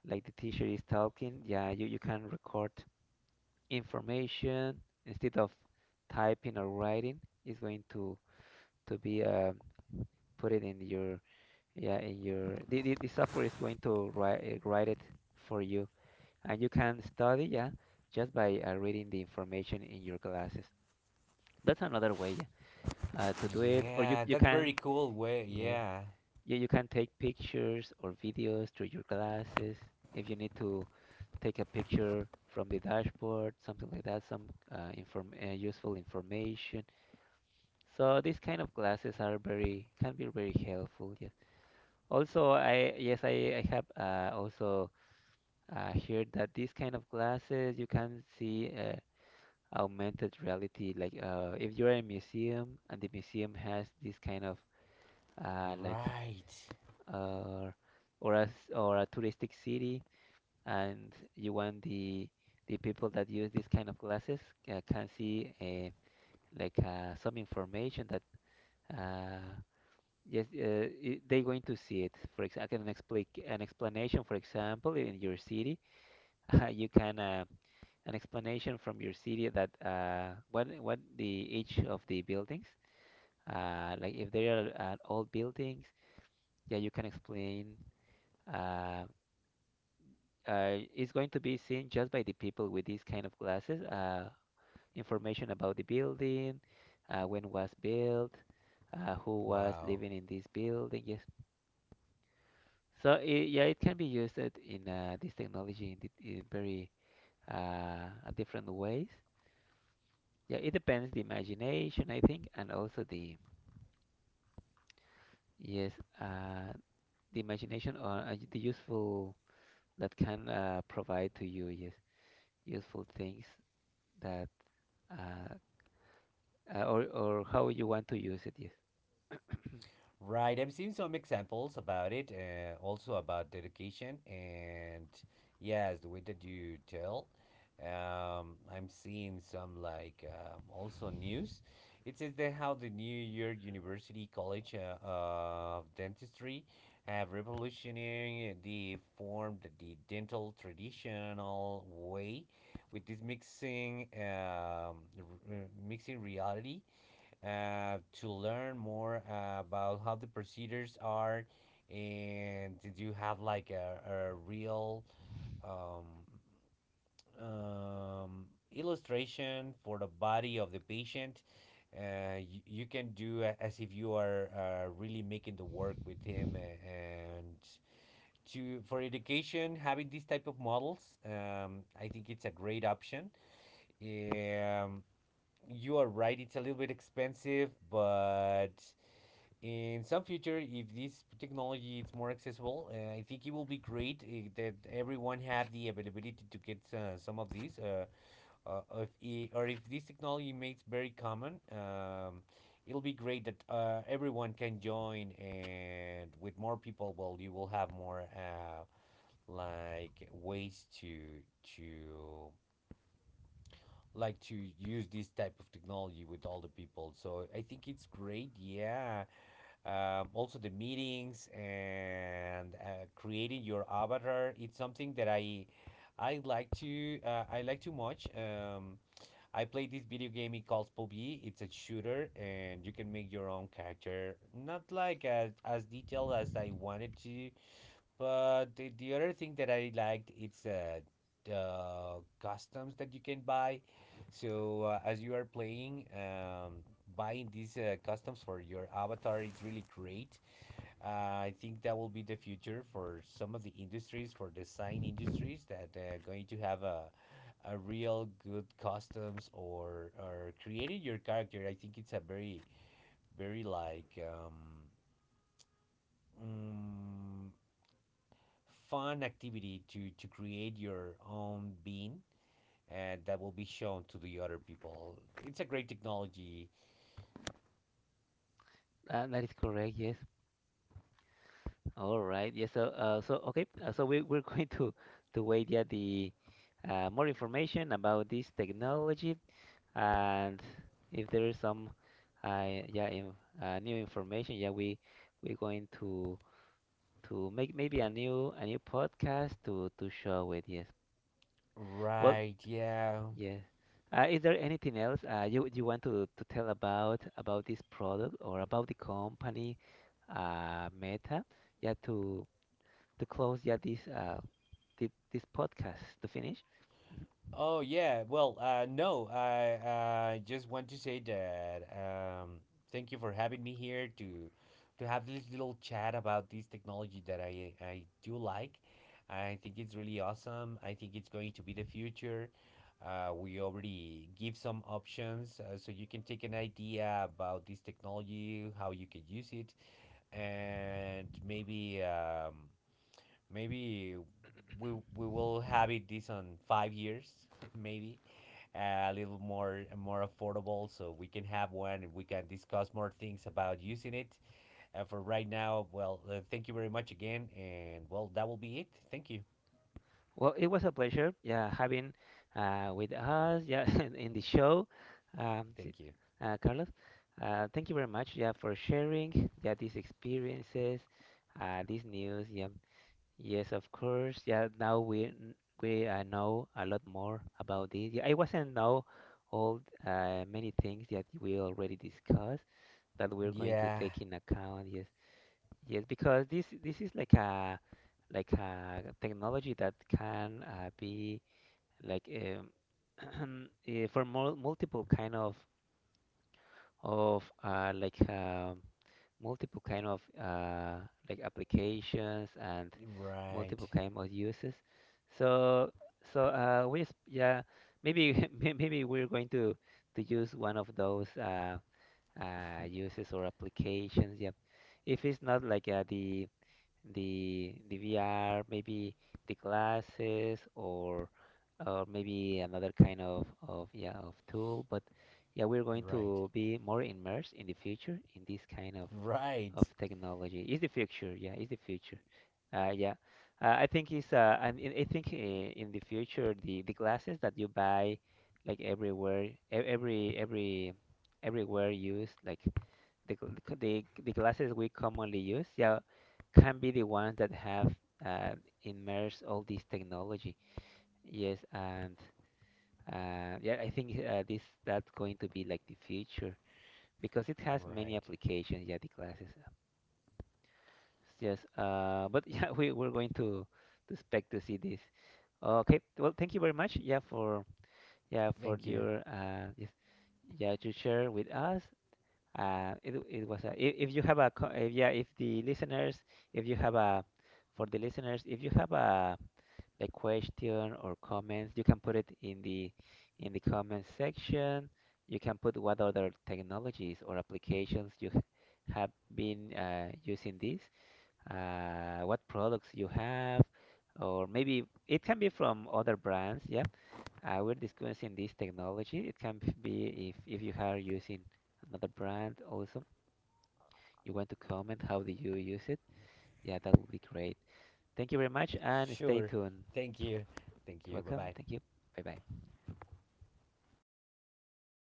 A: like the teacher is talking. Yeah, you, you can record information instead of typing or writing. It's going to to be um, put it in your yeah in your the, the, the software is going to write eh, write it for you and you can study yeah just by uh, reading the information in your classes. That's another way yeah, uh, to do it. Or you
B: yeah,
A: you
B: that's very
A: can
B: cool way.
A: yes.
B: Yeah,
A: Yeah, you can take pictures or videos through your glasses. If you need to take a picture from the dashboard, something like that, some uh, inform uh, useful information. So these kind of glasses are very can be very helpful. Yes. Also, I yes I, I have uh, also uh, heard that these kind of glasses you can see uh, augmented reality. Like uh, if you're in a museum and the museum has this kind of uh, like
B: right.
A: or or a s- or a touristic city, and you want the the people that use these kind of glasses uh, can see uh, like uh, some information that uh, yes uh, I they're going to see it. For example, an explain an explanation. For example, in your city, uh, you can. Uh, an explanation from your city that uh, what what the each of the buildings uh, like if they are uh, old buildings yeah you can explain uh, uh, is going to be seen just by the people with these kind of glasses. Uh, information about the building, uh, when was built, uh, who was
B: Wow.
A: living in this building. Yes. So it, yeah, it can be used at- in uh, this technology in, di- in very uh, different ways. Yeah, it depends the imagination, I think, and also the yes, uh, the imagination or uh, the useful that can uh, provide to you. Yes, useful things that uh, uh, or or how you want to use it. Yes,
B: Right, I've seen some examples about it, uh, also about dedication, and yes, the way that you tell. Um, I'm seeing some, like, um, also news. It says that how the New York University College uh, of Dentistry have revolutionary the formed the dental traditional way with this mixing, um, r- uh, mixing reality uh, to learn more about how the procedures are, and did you have like a, a real um, um, illustration for the body of the patient. uh, you, you can do a- as if you are uh, really making the work with him, a- and to for education, having these type of models, um, I think it's a great option. um, you are right, it's a little bit expensive, but in some future, if this technology is more accessible, uh, I think it will be great uh, that everyone had the availability to get uh, some of these. Uh, uh, if i- or if this technology makes very common, um, it'll be great that uh, everyone can join, and with more people, well, you will have more uh, like ways to to like to use this type of technology with all the people. So I think it's great. Yeah. Um, also the meetings and uh, creating your avatar, it's something that i i like to, uh, I like too much. um, I played this video game, it calls P U B G. It's a shooter and you can make your own character, not like as, as detailed as I wanted to, but the, the other thing that I liked, it's uh, the customs that you can buy. So uh, as you are playing, um, buying these uh, customs for your avatar, it's really great. uh, I think that will be the future for some of the industries, for design industries that are going to have a, a real good customs, or or creating your character. I think it's a very very, like, um, mm, fun activity to to create your own being, and that will be shown to the other people. It's a great technology,
A: uh, that is correct. Yes. All right. Yes. So uh, so okay. Uh, so we we're going to to wait yeah the uh, more information about this technology and if there is some uh, yeah in, uh, new information yeah we we're going to to make maybe a new a new podcast to to show it. Yes. Well,
B: right? Yeah.
A: yeah. Uh, is there anything else uh, you you want to, to tell about about this product or about the company, uh, Meta? Yeah, to to close yeah this uh thi- this podcast to finish.
B: Oh yeah, well, uh, no, I I just want to say that, um, thank you for having me here to to have this little chat about this technology that I I do like. I think it's really awesome. I think it's going to be the future. Uh, we already give some options uh, so you can take an idea about this technology, how you could use it, and maybe, um, maybe we we will have it this on five years, maybe a little more more affordable, so we can have one and we can discuss more things about using it. Uh, for right now, well, uh, thank you very much again, and well, that will be it. Thank you.
A: Well, it was a pleasure. Yeah, having uh with us yeah in, in the show, um, s-
B: Thank you.
A: uh, Carlos. Uh, thank you very much. Yeah, for sharing yeah these experiences, uh, these news. Yeah, yes, of course. Yeah, now we n- we uh, know a lot more about this. Yeah, I wasn't know all uh, many things that we already discussed that we're going to
B: Yeah.
A: take in account. Yes, yes, because this this is like a like a technology that can uh, be like um, eh, for mul multiple kind of of uh, like um multiple kind of uh, like applications and
B: Right,
A: multiple kind of uses. So so uh, we s- yeah maybe may- maybe we're going to to use one of those uh, uh, uses or applications. Yeah, if it's not like uh, the the the V R, maybe the glasses or or maybe another kind of of yeah of tool. But yeah, we're going
B: right,
A: to be more immersed in the future in this kind of
B: right,
A: of technology. It's the future, yeah, it's the future. Uh, yeah, uh, I think it's uh, and in- I think uh, in the future the the glasses that you buy like everywhere, e- every every everywhere used like the, gl- the, the glasses we commonly use, yeah, can be the ones that have uh, immersed all this technology. Yes, and uh, yeah, I think uh, this that's going to be like the future because it has many
B: right.
A: applications. Yeah, the glasses. It's just, uh, but yeah, we we're going to to expect to see this. Okay, well, thank you very much. Yeah, for yeah for
B: Thank you.
A: your uh, yes, yeah to share with us. Uh, it it was a, if if you have a co- if, yeah if the listeners if you have a for the listeners if you have a like question or comments you can put it in the in the comment section. You can put what other technologies or applications you h- have been uh, using this. Uh, what products you have, or maybe it can be from other brands. Yeah, uh, we're discussing this technology. It can be if if you are using another brand also you want to comment how do you use it, yeah, that would be great. Thank you very much and stay
B: Sure.
A: tuned.
B: Thank you. Thank
A: You're
B: you. Bye
A: welcome.
B: bye.
A: Thank you. Bye bye.